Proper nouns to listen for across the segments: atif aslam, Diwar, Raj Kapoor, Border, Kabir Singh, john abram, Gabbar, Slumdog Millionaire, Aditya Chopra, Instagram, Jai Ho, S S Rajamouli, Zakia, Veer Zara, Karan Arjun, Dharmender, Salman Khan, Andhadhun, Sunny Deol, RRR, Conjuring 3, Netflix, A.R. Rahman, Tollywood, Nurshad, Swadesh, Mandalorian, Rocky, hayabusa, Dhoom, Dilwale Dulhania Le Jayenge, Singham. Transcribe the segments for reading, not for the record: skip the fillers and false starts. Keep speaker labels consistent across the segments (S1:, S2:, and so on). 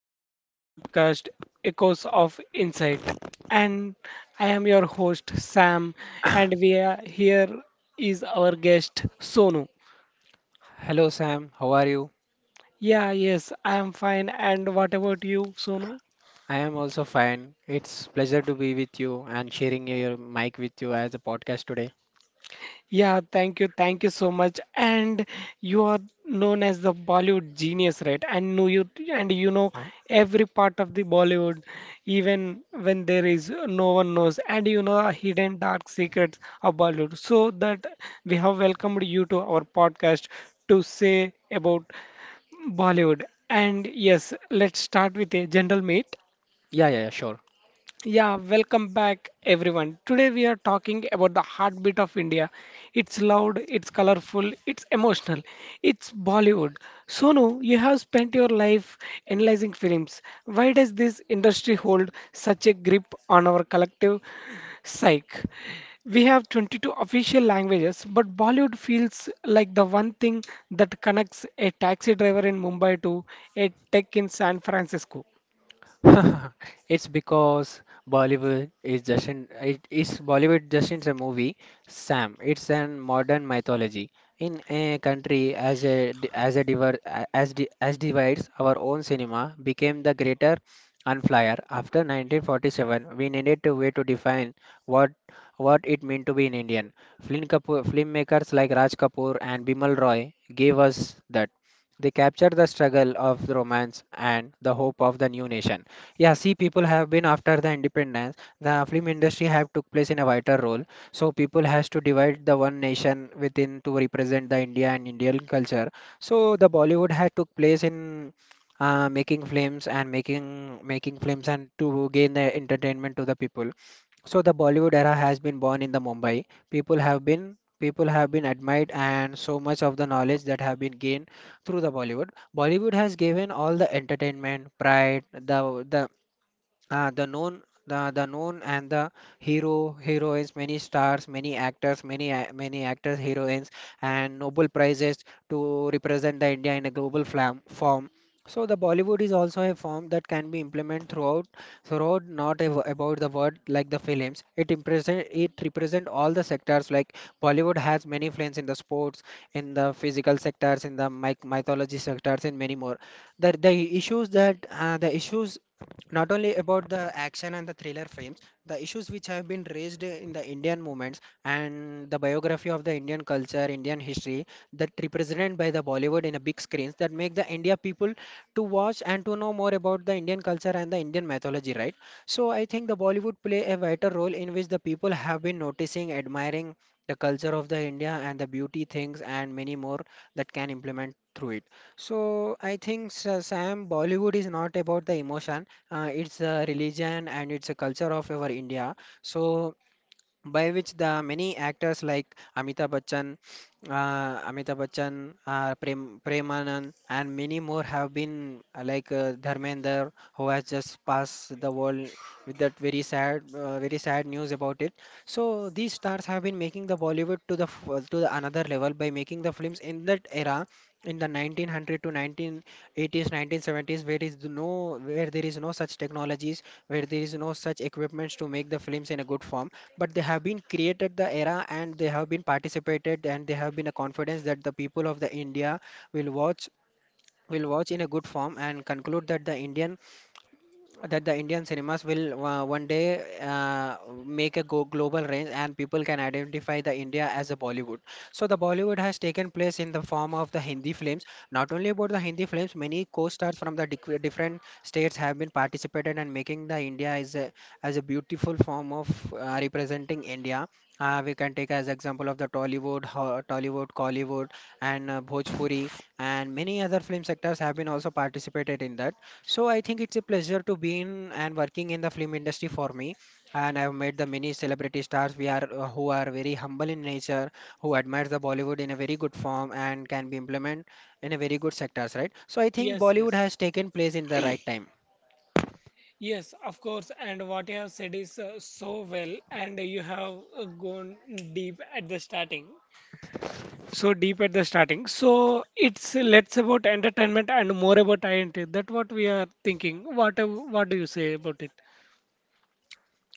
S1: to our podcast, Echoes of Insight. And I am your host, Sam. And we are here is our guest, Sonu.
S2: Hello Sam, how are you?
S1: Yeah, yes, I am fine. And what about you, Sonu?
S2: I am also fine. It's pleasure to be with you and sharing your mic with you as a podcast today.
S1: Yeah, thank you so much. And you are known as the Bollywood genius, right? And know you and you know
S2: Uh,
S1: every part of the Bollywood, even when there is no one knows, and you know the hidden dark secrets of Bollywood. So that we have welcomed you to our podcast to say about Bollywood. And yes, let's start with a general meet.
S2: yeah, yeah, yeah, sure.
S1: Yeah, welcome back everyone. Today we are talking about the heartbeat of India. It's loud, it's colorful, it's emotional. It's Bollywood. Sonu, you have spent your life analyzing films. Why does this industry hold such a grip on our collective psyche? We have 22 official languages, but Bollywood feels like the one thing that connects a taxi driver in Mumbai to a tech in San Francisco.
S2: It's because Bollywood just in a movie, Sam. It's an modern mythology in a country as a di- as a diver a- as di, as divides our own cinema became the greater unflyer. After 1947, we needed a way to define what what it meant to be an Indian. Film Kapoor, filmmakers like Raj Kapoor and Bimal Roy gave us that. They captured the struggle of the romance and the hope of the new nation. Yeah, see, people have been after the independence. The film industry have took place in a vital role. So people has to divide the one nation within to represent the India and Indian culture. So the Bollywood had took place in making films and making films and to gain the entertainment to the people. So the Bollywood era has been born in the Mumbai. People have been admired and so much of the knowledge that have been gained through the Bollywood. Bollywood has given all the entertainment, pride, the known and the hero heroines many stars many actors many a- many actors heroines and nobel prizes to represent the india in a global form. So the bollywood is also a form that can be implemented throughout not a, about the world like the films. It represent all the sectors like bollywood has many films in the sports, in the physical sectors, in the myc mythology sectors and many more. The issues, not only about the action and the thriller films, the issues which have been raised in the Indian movements and the biography of the Indian culture, Indian history that represented by the Bollywood in a big screens, that make the India people to watch and to know more about the Indian culture and the Indian mythology, right? So I think the Bollywood play a vital role in which the people have been noticing, admiring the culture of the India and the beauty things and many more that can implement through it. So I think Sam, Bollywood is not about the emotion, it's a religion and it's a culture of our India. So by which the many actors like Amitabh Bachchan, Premanand, and many more have been like Dharmender, who has just passed the world with that very sad news about it. So these stars have been making the Bollywood to to the another level by making the films in that era. In the 1900 to 1980s, 1970s, where is no, where there is no such technologies, where there is no such equipments to make the films in a good form, but they have been created the era and they have been participated and they have been a confidence that the people of the india will watch will watch in a good form and conclude that
S1: That the
S2: the indian
S1: Indians
S2: cinemas
S1: themselves will
S2: will
S1: one
S2: one
S1: day
S2: day
S1: make
S2: make
S1: it popular, people
S2: global range and
S1: can
S2: people can
S1: identify
S2: identify
S1: the
S2: the
S1: India
S2: india
S1: as
S2: as a
S1: a country.
S2: bollywood. So
S1: So the
S2: the
S1: Bollywood
S2: bollywood
S1: has
S2: has
S1: taken
S2: taken
S1: place
S2: place
S1: in
S2: in
S1: the
S2: the
S1: form
S2: form
S1: of
S2: of
S1: the
S2: the hindi
S1: Hindi
S2: films,
S1: films. Not
S2: not
S1: only
S2: only about the hindi
S1: Bollywood,
S2: films. Many
S1: many post-stars from the
S2: different
S1: different
S2: states
S1: states have
S2: have been
S1: been participating
S2: participated
S1: in
S2: and
S1: making
S2: making
S1: the
S2: the India
S1: India as
S2: as
S1: a
S2: a
S1: beautiful
S2: beautiful
S1: form
S2: form
S1: of
S2: of
S1: representing
S2: representing
S1: India.
S2: India.
S1: We
S2: We
S1: can
S2: can take
S1: take as
S2: as
S1: an example
S2: example
S1: of
S2: of
S1: the
S2: the
S1: Bollywood,
S2: Tollywood,
S1: Bollywood,
S2: Tollywood, Collywood, and
S1: Bollywood,
S2: Bhojpuri, and many other film sectors have been also
S1: have.
S2: participated in that. So I think it's a pleasure to be in and working in the film industry for me. And I've met the many celebrity stars we are who are very humble in nature, who admires the Bollywood in a very good form and can be implemented in a very good sectors, right? So I think
S1: Yes, yes,
S2: Bollywood has taken place in the right time.
S1: yes, of course. And what you have said is so well, and you have gone deep at the starting. So deep at the starting. So it's less about entertainment and more about identity. That what we are thinking. What do you say about it?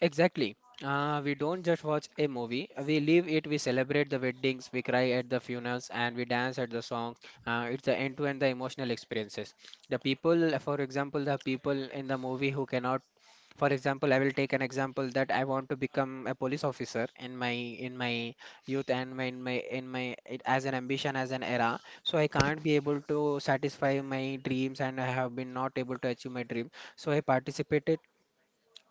S2: Exactly. We don't just watch a movie. We live it. We celebrate the weddings. We cry at the funerals, and we dance at the songs. It's the end-to-end the emotional experiences. The people, for example, the people in the movie who cannot, for example, I will take an example that I want to become a police officer in my youth and my as an ambition as an era, so I can't be able to satisfy my dreams and I have been not able to achieve my dream. So I participated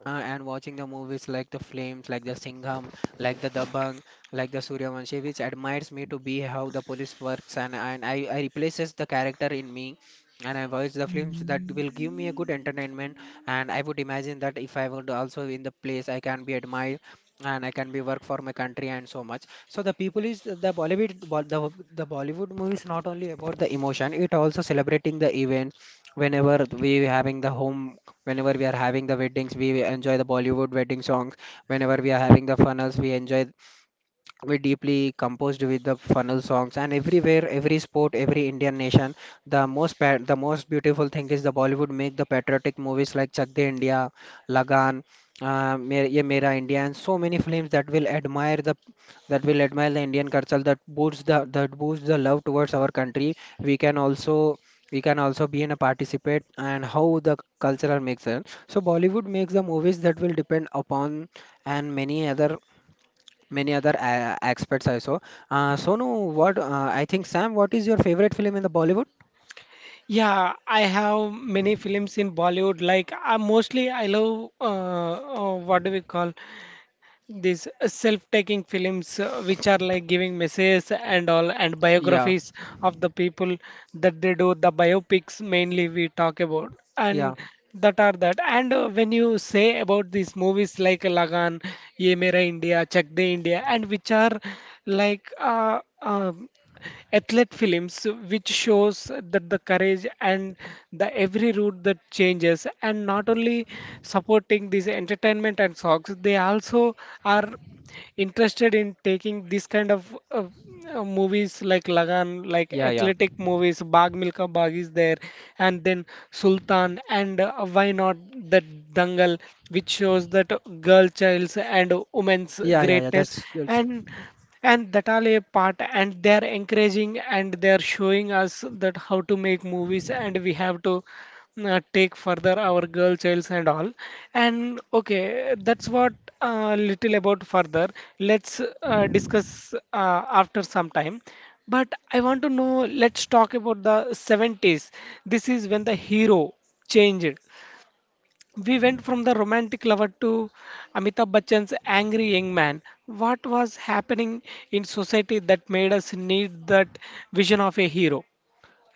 S2: and watching the movies like the Flames, like the Singham, like the Dabang, like the Suryavanshi, which admires me to be how the police works, and I replaces the character in me, and I watch the films that will give me a good entertainment, and I would imagine that if I would also in the place, I can be admired, and I can be work for my country and so much. So the people is the Bollywood, the Bollywood movies, not only about the emotion, it also celebrating the events whenever we having the home whenever we are having the weddings, we enjoy the Bollywood wedding songs. Whenever we are having the funnels, we deeply composed with the funnel songs, and everywhere, every sport, every indian nation, the most the most beautiful thing is the bollywood make the patriotic movies like chak de india, lagan, ye mera india and so many films that will admire the, indian culture, that boosts the, love towards our country. we can also we can also be in a participate and how the cultural makes it. So bollywood makes the movies that will depend upon and many other, aspects also. Sonu, what I think, Sam, what is your favorite film in the Bollywood?
S1: Yeah, I have many films in Bollywood. Like I mostly I love what do we call? These self-taking films, which are like giving messages and all and
S2: Yeah,
S1: biographies of the people that they do the biopics mainly we talk about, and
S2: yeah,
S1: that are that, and when you say about these movies like Lagan, Ye Mera India, Chak De India, and which are like athlete films, which shows that the courage and the every route that changes, and not only supporting these entertainment and songs, they also are interested in taking this kind of movies like Lagan, like
S2: yeah, yeah.
S1: athletic movies, Bag Milka Bag is there, and then Sultan, and why not that Dangal, which shows that girl child's and women's
S2: Yeah, yeah, yeah.
S1: greatness,
S2: That's
S1: and and that all a part, and they are encouraging and they are showing us that how to make movies, and we have to take further our girl childs and all. And okay, that's what little about further. Let's discuss after some time, but I want to know. Let's talk about the 70s. This is when the hero changed. We went from the romantic lover to Amitabh Bachchan's angry young man. What was happening in society that made us need that vision of a hero?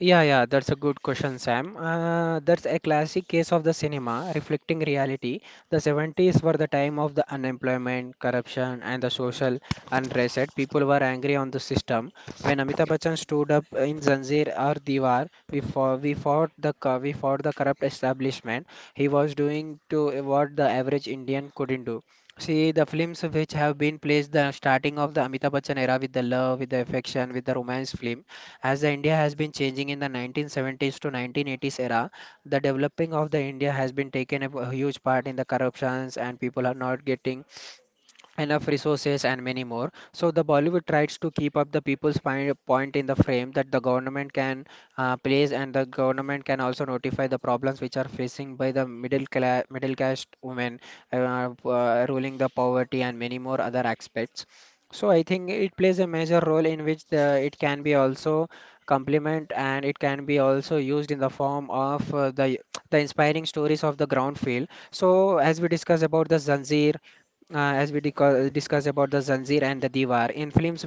S2: Yeah, that's a good question, Sam. That's a classic case of the cinema reflecting reality. The 70s were the time of the unemployment, corruption, and the social unrest. People were angry on the system. When Amitabh Bachchan stood up in Zanzir or Diwar, we fought we fought the corrupt establishment. He was doing to what the average Indian couldn't do. See, the films which have been placed the starting of the Amitabh Bachchan era with the love, with the affection, with the romance film, as the India has been changing in the 1970s to 1980s era, the developing of the India has been taken a huge part in the corruptions, and people are not getting enough resources and many more. So the bollywood tries to keep up the people's point in the frame that the government can place, and the government can also notify the problems which are facing by the middle class middle caste women, ruling the poverty and many more other aspects. So I think it plays a major role in which it can be also complement and it can be also used in the form of the inspiring stories of the ground field. So as we discuss about the Zanzir, discuss about the Zanzir and the Diwar. In film,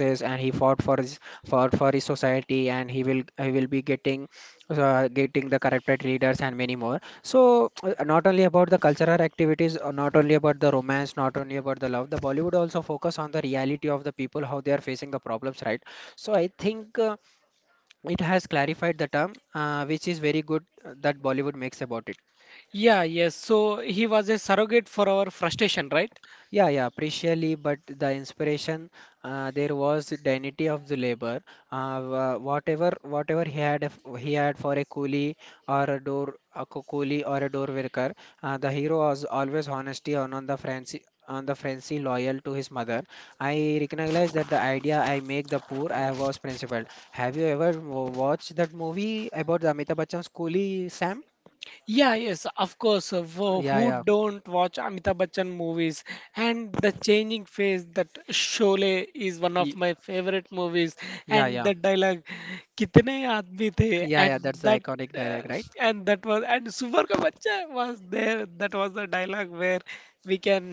S2: and he fought for his society, and he will be getting getting the corrupted leaders and many more. So not only about the cultural activities, not only about the romance, not only about the love. The Bollywood also focus on the reality of the people, how they are facing the problems, right? So I think it has clarified the term, which is very good, that Bollywood makes about it.
S1: Yeah, yes. So he was a surrogate for our frustration, right?
S2: Yeah, yeah, precisely. But the inspiration, there was dignity of the labor. Whatever he had, he had for a coolie or a door, coolie or a door worker. The hero was always honesty on the Franci on the Francie loyal to his mother. I recognize that the idea I make the poor I was principled. Have you ever watched that movie about the Amitabh Bachchan's coolie, Sam?
S1: Yeah, yes, of course.
S2: Yeah,
S1: Who
S2: yeah,
S1: don't watch Amitabh Bachchan movies? And the changing face that Sholay is one of
S2: Ye-
S1: my favorite movies.
S2: yeah,
S1: And
S2: yeah,
S1: the dialogue, "कितने आदमी थे?"
S2: yeah, yeah. That's the
S1: That
S2: iconic
S1: uh,
S2: dialogue, right?
S1: and that was, and Suvar ka bachcha was there. That was the dialogue where we can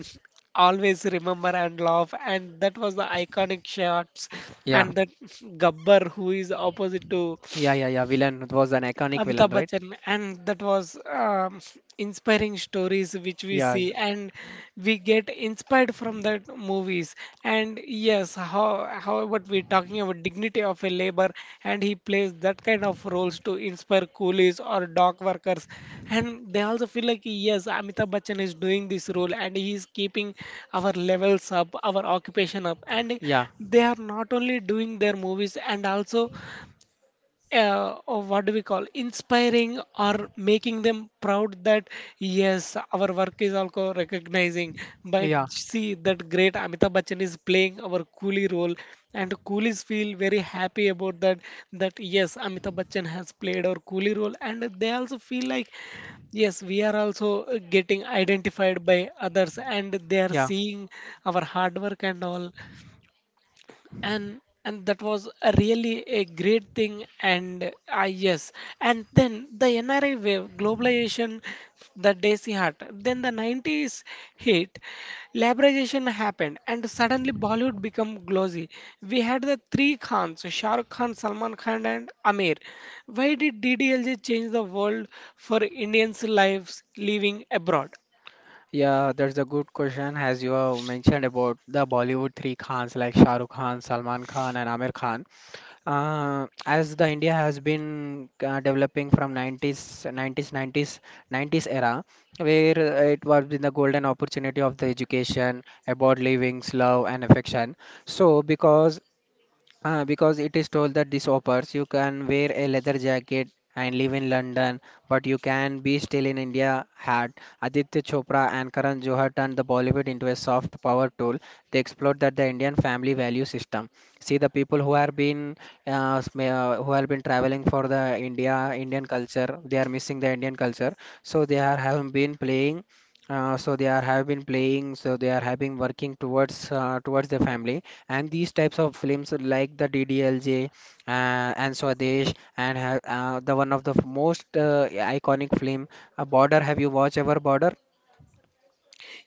S1: always remember and laugh. And that was the iconic shots.
S2: Yeah.
S1: And that Gabbar who is opposite to
S2: Yeah, yeah, yeah. Villain was an iconic villain,
S1: Amitabh
S2: right?
S1: Bachchan, and that was inspiring stories which we
S2: Yeah,
S1: see, and we get inspired from that movies. And yes, how what we're talking about dignity of a labor, and he plays that kind of roles to inspire coolies or dock workers, and they also feel like yes, Amitabh Bachchan is doing this role, and he is keeping our levels up, our occupation up, and
S2: yeah,
S1: they are not only doing their movies and also or what do we call, inspiring or making them proud that yes, our work is also recognizing by
S2: yeah,
S1: see that great Amitabh Bachchan is playing our coolie role, and coolies feel very happy about that, that yes, Amitabh Bachchan has played our coolie role and they also feel like yes, we are also getting identified by others and they are
S2: yeah,
S1: seeing our hard work and all. And that was a really a great thing, and yes. And then the NRI wave, globalization, the desi heart, then the 90s hit, liberalization happened, and suddenly Bollywood become glossy. We had the three Khans, Shah Rukh Khan, Salman Khan, and Amir. Why did DDLJ change the world for Indians lives living abroad?
S2: yeah. That's a good question. As you have mentioned about the Bollywood three Khans like Shah Rukh Khan, Salman Khan, and Amir Khan. As the India has been developing from 90s, 90s, 90s, 90s era, where it was in the golden opportunity of the education about living, love, and affection. So, because because it is told that this offers you can wear a leather jacket and live in London, but you can be still in India. Had Aditya Chopra and Karan Johar turned the Bollywood into a soft power tool, they explored that the Indian family value system. See the people who have been who have been traveling for the Indian culture, they are missing the Indian culture, so they are have been playing. So they are have been playing, so they are having working towards towards the family and these types of films like the DDLJ uh, and Swadesh and the one of the most iconic film Border, have you watched ever Border?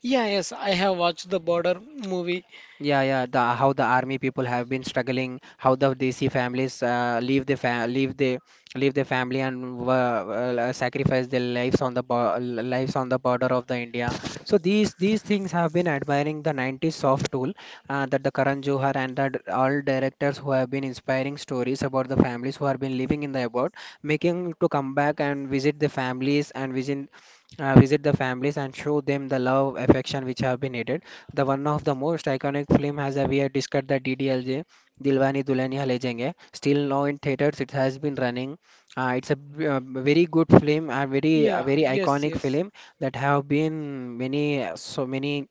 S1: Yeah, yes, I have watched the Border movie.
S2: Yeah, yeah. The how the army people have been struggling, how the Desi families leave their family and sacrifice their lives on the border of the India. So these things have been admiring the 90s soft tool, that the Karan Johar and that all directors who have been inspiring stories about the families who have been living in the abroad, making to come back and visit the families and visit visit the families and show them the love affection which have been needed. The one of the most iconic film has a we have discussed the DDLJ, Dilwani Dulhania Le Jayenge. Still now in theaters, it has been running. It's a very good film, a
S1: Yeah,
S2: very
S1: yes,
S2: iconic
S1: yes.
S2: film that have been many so many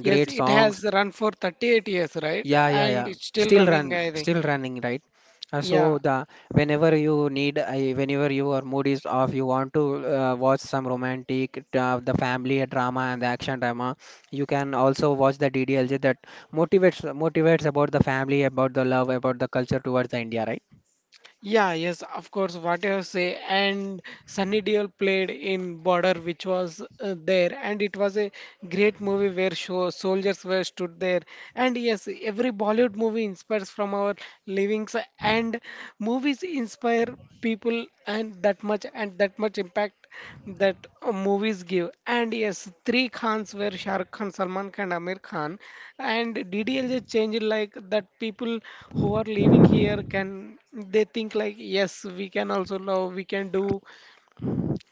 S1: Yes,
S2: great
S1: it
S2: songs.
S1: has run for 38 years, right?
S2: Yeah, yeah,
S1: And
S2: yeah.
S1: it's still
S2: Still
S1: running,
S2: run,
S1: I think.
S2: still running, right? So
S1: Yeah.
S2: the whenever you need, I whenever your mood is off, you want to watch some romantic, the family drama and the action drama. You can also watch the DDLJ that motivates about the family, about the love, about the culture towards the India, right?
S1: Yeah, yes, of course, what you say. And Sunny Deol played in Border, which was there, and it was a great movie where show, soldiers were stood there. And yes, every Bollywood movie inspires from our livings, and movies inspire people. And that much impact that movies give. And yes, three Khans were Shah Rukh Khan, Salman Khan, Amir Khan, and DDLJ changed like that people who are living here can, they think like yes, we can also love, we can do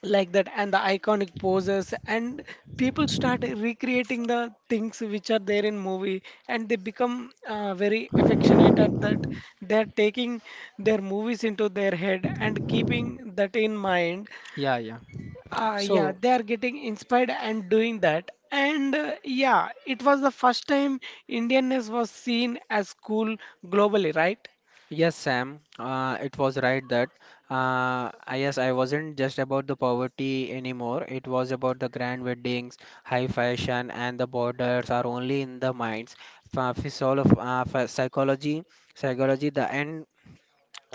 S1: like that. And the iconic poses, and people start recreating the things which are there in movie, and they become very affectionate at that. They're taking their movies into their head and keeping that in mind.
S2: Yeah, yeah.
S1: Yeah,
S2: So
S1: they are getting inspired and doing that. And yeah, it was the first time Indianness was seen as cool globally, right?
S2: Yes, Sam, it was right that. Yes, I wasn't just about the poverty anymore. It was about the grand weddings, high fashion, and the borders are only in the minds. Psychology, psychology.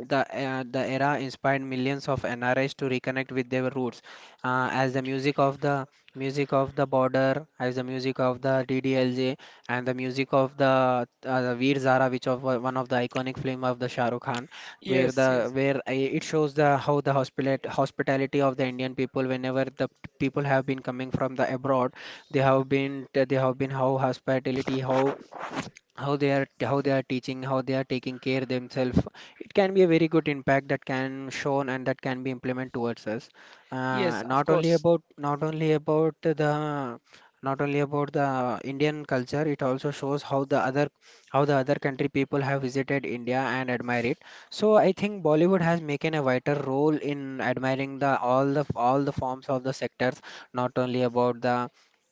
S2: The, the era inspired millions of NRIs to reconnect with their roots, as the music of the music of the border, as the music of the DDLJ, and the music of the Veer Zara, which one of the iconic film of the Shah Rukh Khan, where
S1: Yes,
S2: the
S1: yes,
S2: it shows the how the hospitality of the Indian people whenever people have been coming from the abroad, they have been how hospitality how they are teaching how they are taking care themselves. It can be a very good impact that can shown and that can be implemented towards us,
S1: yes, of course.
S2: not only about the not only about the Indian culture. It also shows how the other country people have visited India and admire it, has taken a vital role in admiring the all the all the forms of the sectors, not only about the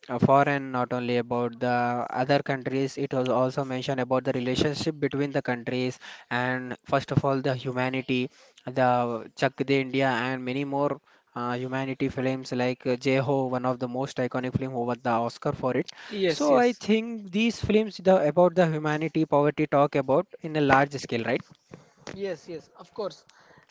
S2: foreign, not only about the other countries. It was also mentioned about the relationship between the countries and first of all the humanity, the Chak De India and many more humanity films like Jai Ho, one of the most iconic film who won the Oscar for it.
S1: Yes,
S2: So I
S1: yes.
S2: think these films the, about the humanity poverty talk about in a large scale, right?
S1: Yes, yes, of course.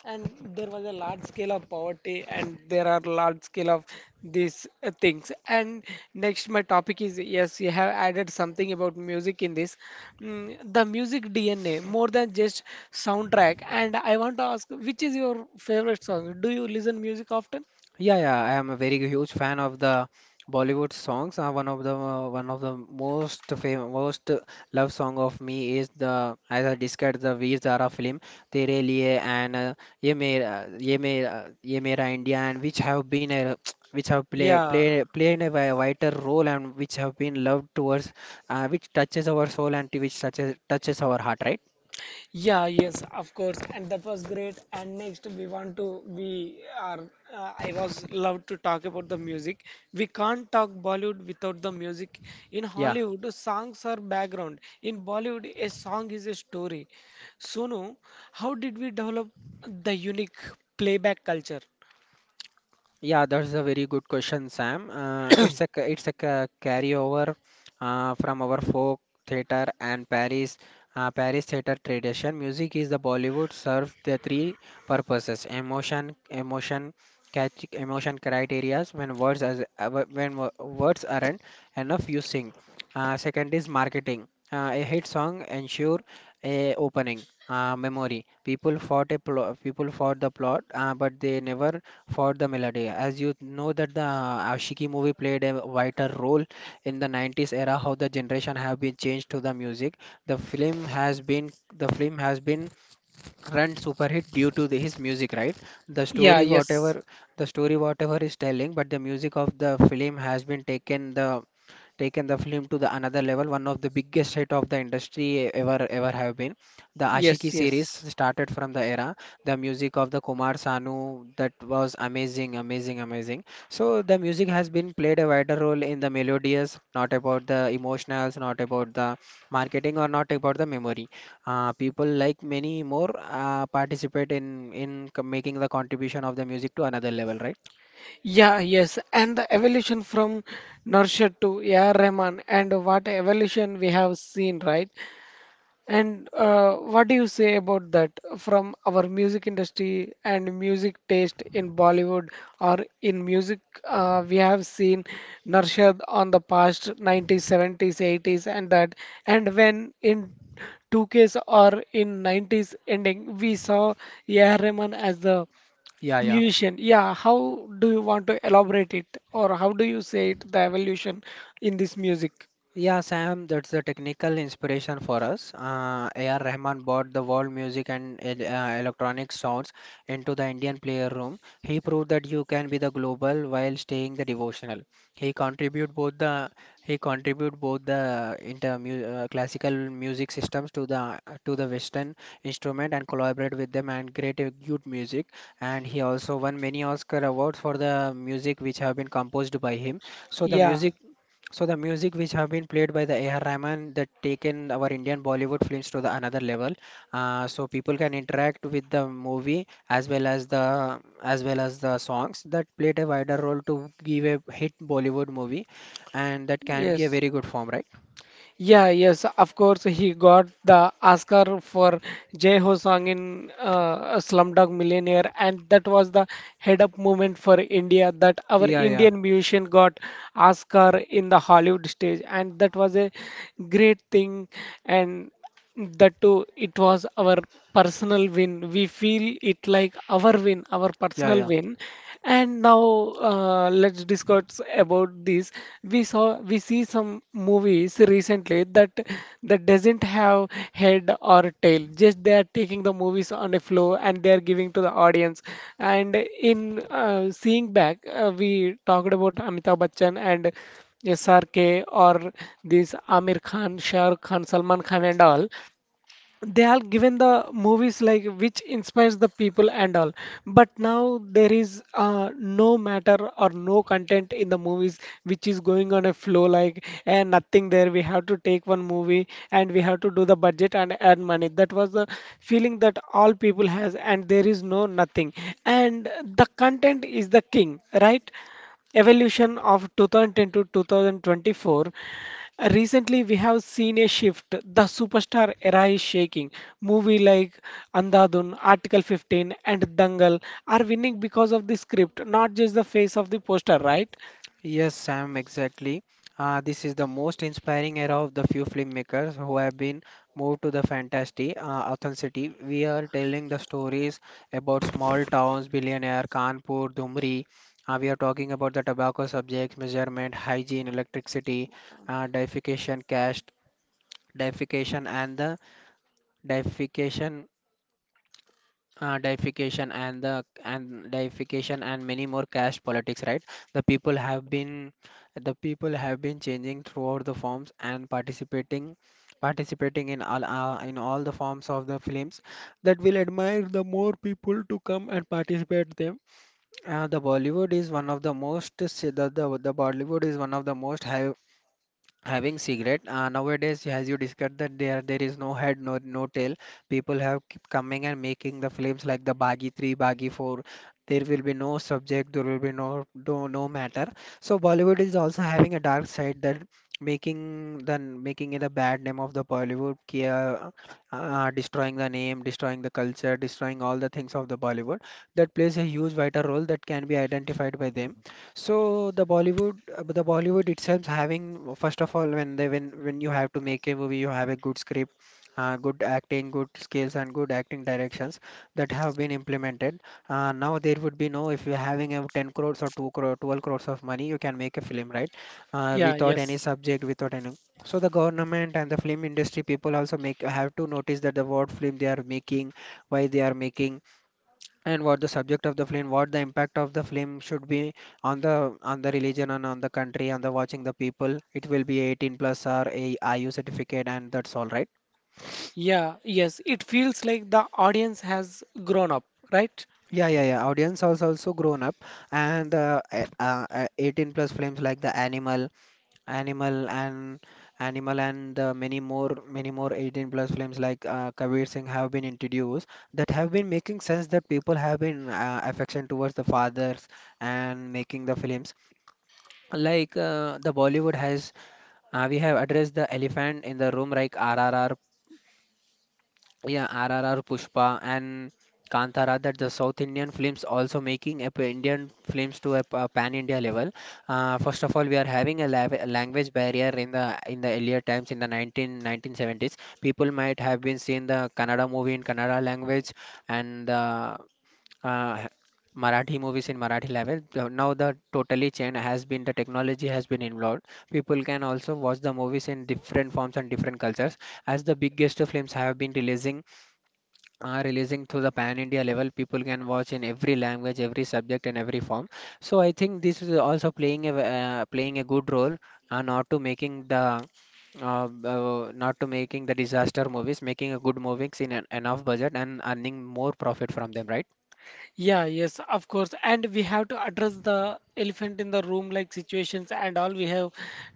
S1: And there was a large scale of poverty, and there are large scale of these things. And next, my topic is yes, you have added something about music in this. Mm, the music DNA, more than just soundtrack. And I want to ask, which is your favorite song? Do you listen music often?
S2: Yeah, yeah, I am a very huge fan of the Bollywood songs. One of the most famous, most love song of me is the as I discussed the Veer Zara film "Tere Liye" and "Ye Mera Ye Mera India" and which have been a which have
S1: Yeah,
S2: played a vital role and which have been loved towards, which touches our soul and which touches our heart, right?
S1: yeah, yes, of course, and that was great. And next, we want to we are. I was love to talk about the music. We can't talk Bollywood without the music. In
S2: Yeah.
S1: Hollywood, songs are background. In Bollywood, a song is a story. Sonu, how did we develop the unique playback culture?
S2: Yeah, that's a very good question, Sam. It's a carryover from our folk theater and Paris, Paris theater tradition. Music is the Bollywood serves the three purposes: emotion, emotion, catch, emotion criterias. When words as wh- when wo- Words aren't enough, you sing. Second is marketing. A hit song ensure a opening. Memory. People fought a plot. People fought the plot, but they never for the melody. As you know that the Ashiki movie played a vital role in the 90s era how the generation have been changed to the music. The film has been the film has been run super hit due to the, his music, right? the
S1: Yeah,
S2: story
S1: yes,
S2: whatever the story whatever is telling, but the music of the film has been taken the film to the another level, one of the biggest hit of the industry ever have been. The ashiki
S1: yes,
S2: series
S1: yes.
S2: started from the era, the music of the Kumar Sanu. That was amazing. So the music has been played a wider role in the melodious, not about the emotionals, not about the marketing, or not about the memory. People like many more participate in making the contribution of the music to another level, right?
S1: Yeah, yes, and the evolution from Nurshad to A.R. Rahman, and what evolution we have seen, right? And what do you say about that from our music industry and music taste in Bollywood or in music? We have seen Narshad on the past 90s, 70s, 80s, and that. And when in 2Ks or in 90s ending, we saw A.R. Rahman as the
S2: Yeah, yeah.
S1: musician. Yeah, how do you want to elaborate it, or how do you say it, the evolution in this music?
S2: Yeah, Sam, that's the technical inspiration for us. A.R. Rahman brought the world music and electronic sounds into the Indian player room. He proved that you can be the global while staying the devotional. He contribute both the he contribute both the classical music systems to the Western instrument and collaborate with them and create a good music. And he also won many Oscar awards for the music which have been composed by him. So the
S1: Yeah.
S2: music so the music which have been played by the A.R. Rahman that taken our Indian Bollywood films to the another level. So people can interact with the movie as well as the as well as the songs that played a wider role to give a hit Bollywood movie, and that can be a
S1: Yes.
S2: very good form, right?
S1: Yeah, yes, of course he got the Oscar for Jai Ho song in Slumdog Millionaire, and that was the head up moment for India that our
S2: Yeah, yeah,
S1: Indian musician got Oscar in the Hollywood stage, and that was a great thing. And that too, it was our personal win. We feel it like our win, our
S2: yeah,
S1: personal
S2: yeah.
S1: win. And now let's discuss about this. We see some movies recently that doesn't have head or tail. Just they are taking the movies on a flow and they are giving to the audience. And in seeing back, we talked about Amitabh Bachchan and SRK or this Amir Khan, Shah Rukh Khan, Salman Khan and all. They are given the movies like which inspires the people and all, but now there is no matter or no content in the movies which is going on a flow like, and nothing there. We have to take one movie and we have to do the budget and earn money. That was the feeling that all people has, and there is no nothing, and the content is the king, right? Evolution of 2010 to 2024. Recently, we have seen a shift. The superstar era is shaking. Movie like Andhadhun, Article 15, and Dangal are winning because of the script, not just the face of the poster, right?
S2: Yes, Sam, exactly. This is the most inspiring era of the few filmmakers who have been moved to the fantasy, authenticity. We are telling the stories about small towns, billionaire, Kanpur, Dumri. We are talking about the tobacco subjects, measurement, hygiene, electricity, deification, caste, deification, and the deification deification and the and deification and many more caste politics, right? the people have been the people have been changing throughout the forms and participating, participating in all the forms of the films that will admire the more people to come and participate them. Uh, the bollywood is one of the most The Bollywood is one of the most high having cigarette, nowadays, as you discussed that there is no head, no no tail. People have keep coming and making the films like the bagi 3, bagi 4. There will be no subject, there will be no no, no matter. So Bollywood is also having a dark side that making the making it a bad name of the Bollywood, destroying the name, destroying the culture, destroying all the things of the Bollywood that plays a huge vital role that can be identified by them. So the Bollywood itself having first of all when they when you have to make a movie, you have a good script, good acting, good skills, and good acting directions that have been implemented. Now there would be no if you're having a 10 crores or 2 crore, 12 crores of money, you can make a film, right?
S1: Yeah,
S2: Without any
S1: yes.
S2: subject, without any. So the government and the film industry people also make have to notice that the what film they are making, why they are making, and what the subject of the film, what the impact of the film should be on the religion and on the country, on the watching the people. It will be 18 plus or a iu certificate and that's all right.
S1: Yeah, yes. It feels like the audience has grown up, right?
S2: Yeah, yeah, audience also grown up. And 18 plus films like the animal, animal and animal and many more 18 plus films like Kabir Singh have been introduced, that have been making sense, that people have been affection towards the fathers and making the films like, the Bollywood has, we have addressed the elephant in the room like RRR. Yeah, RRR, Pushpa and Kantara, that the South Indian films also making up Indian films to a, a pan India level. First of all, we are having a, a language barrier in the earlier times in the nineteen nineteen seventies. People might have been seeing the Kannada movie in Kannada language and the uh, Marathi movies in Marathi level. So now the totally change has been, the technology has been involved. People can also watch the movies in different forms and different cultures. As the biggest films have been releasing, releasing to the pan India level, people can watch in every language, every subject, and every form. So I think this is also playing a playing a good role, and not to making the not to making the disaster movies, making a good movies in an enough budget and earning more profit from them, right?
S1: Yeah, yes, of course. And we have to address the elephant in the room like situations and all we have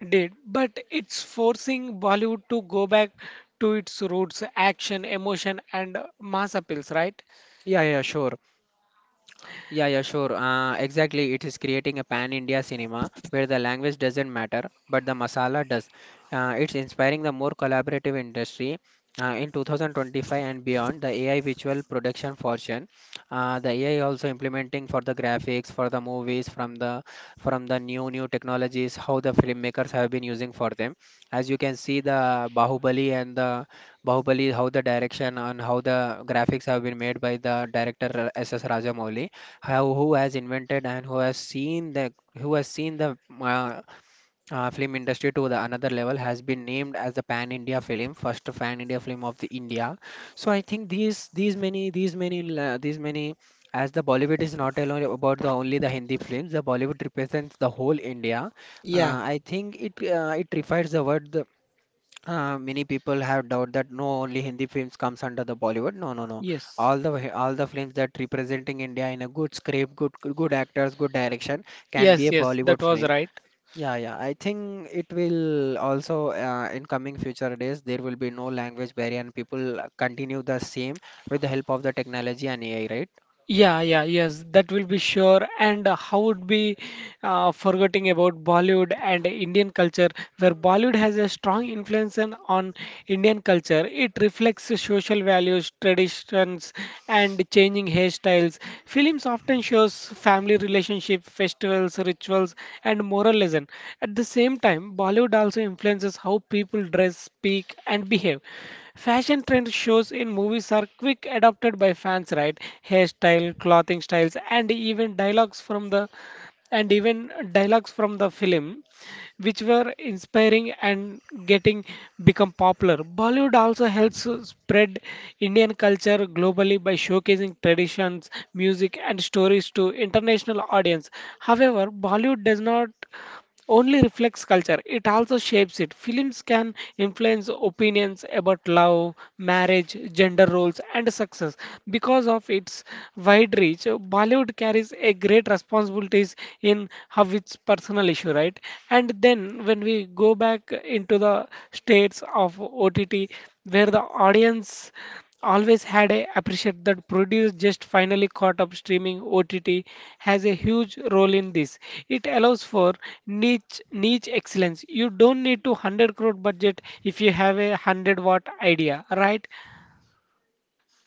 S1: did. But it's forcing Bollywood to go back to its roots, action, emotion, and mass appeals, right?
S2: Yeah, yeah, sure. Yeah, sure. Exactly. It is creating a pan-India cinema where the language doesn't matter, but the masala does. It's inspiring the more collaborative industry. In 2025 and beyond, the AI visual production fortune, the AI also implementing for the graphics, for the movies, from the new technologies, how the filmmakers have been using for them. As you can see, the Bahubali and the how the direction and how the graphics have been made by the director, S S Rajamouli, have who has invented and who has seen the film industry to the another level, has been named as the pan India film, first pan India film of the India. So I think these many, as the Bollywood is not alone about the only the Hindi films, the Bollywood represents the whole India.
S1: Yeah,
S2: I think it, it refers the word, the many people have doubt that no only Hindi films comes under the Bollywood. No, no, no.
S1: yes.
S2: All the films that representing India in a good script, good, good actors, good direction can be
S1: Yes,
S2: a
S1: yes,
S2: Bollywood
S1: that was
S2: film.
S1: right.
S2: Yeah, yeah. I think it will also, in coming future days, there will be no language barrier and people continue the same with the help of the technology and AI, right?
S1: Yeah, yeah, yes, that will be sure. And how would be forgetting about Bollywood and Indian culture, where Bollywood has a strong influence on Indian culture. It reflects the social values, traditions, and changing hairstyles. Films often shows family relationship, festivals, rituals, and moral lesson. At the same time, Bollywood also influences how people dress, speak, and behave. Fashion trend shows in movies are quick adopted by fans, right? Hairstyle, clothing styles, and even dialogues from the film, which were inspiring and getting become popular. Bollywood also helps spread Indian culture globally by showcasing traditions, music, and stories to international audience. However, Bollywood does not only reflects culture, it also shapes it. Films can influence opinions about love, marriage, gender roles, and success. Because of its wide reach, Bollywood carries a great responsibilities in how its personal issue, right? And then when we go back into the states of OTT, where the audience always had a appreciate that produce just finally caught up. Streaming OTT has a huge role in this. It allows for niche excellence. You don't need to 100 crore budget if you have a 100 watt idea, right?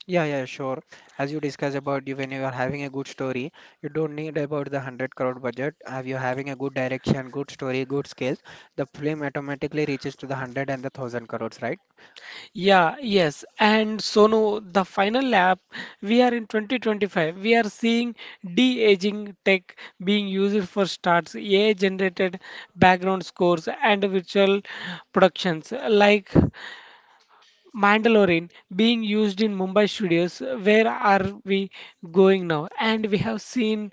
S2: Yeah, yeah, sure. As you discuss about, you when you are having a good story, you don't need about the 100 crore budget. If you're having a good direction, good story, good skills, the film automatically reaches to the 100 and the 1000 crores, right?
S1: Yeah, yes. And Sonu, the final lap, we are in 2025. We are seeing de-aging tech being used for starts, AI generated background scores, and virtual productions like Mandalorian being used in Mumbai studios. Where are we going now?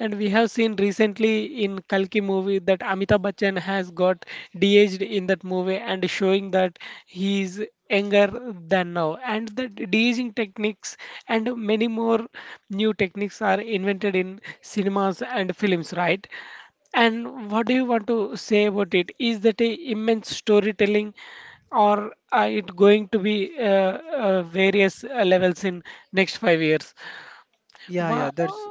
S1: And we have seen recently in Kalki movie that Amitabh Bachchan has got de-aged in that movie and showing that he is younger than now. And the de-aging techniques and many more new techniques are invented in cinemas and films, right? And what do you want to say about it? Is that a immense storytelling, or it going to be various levels in next 5 years?
S2: Yeah,
S1: Wha-
S2: yeah, that's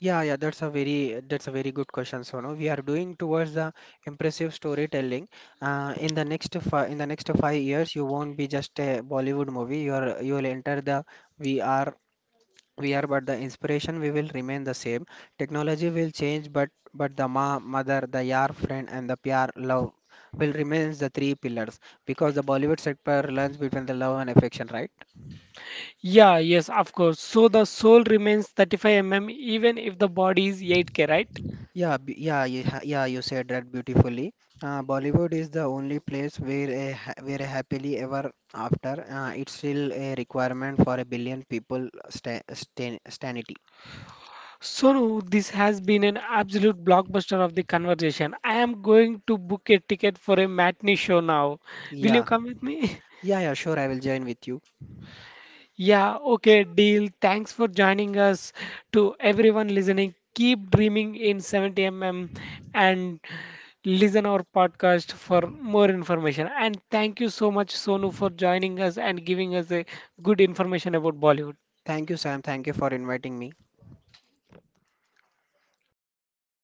S2: yeah, yeah, that's a very good question, Sonu. We are doing towards the impressive storytelling. In the next 5 years, you won't be just a Bollywood movie. You will enter the VR. We are, but the inspiration we will remain the same. Technology will change, but the ma mother, the yar friend, and the pyar love will remain the three pillars, because the Bollywood sector learns between the love and affection, right?
S1: yeah, yes, of course. So the soul remains 35 mm even if the body is 8K, right?
S2: Yeah, yeah, you said that beautifully. Bollywood is the only place where a where a happily ever after, it's still a requirement for a billion people sanity.
S1: So no, this has been an absolute blockbuster of the conversation. I am going to book a ticket for a matinee show now. Will you
S2: Yeah,
S1: come with me?
S2: yeah, sure, I will join with you.
S1: Yeah, okay, deal. Thanks for joining us. To everyone listening, keep dreaming in 70 mm and listen our podcast for more information. And thank you so much, Sonu, for joining us and giving us a good information about Bollywood.
S2: Thank you, Sam, thank you for inviting me.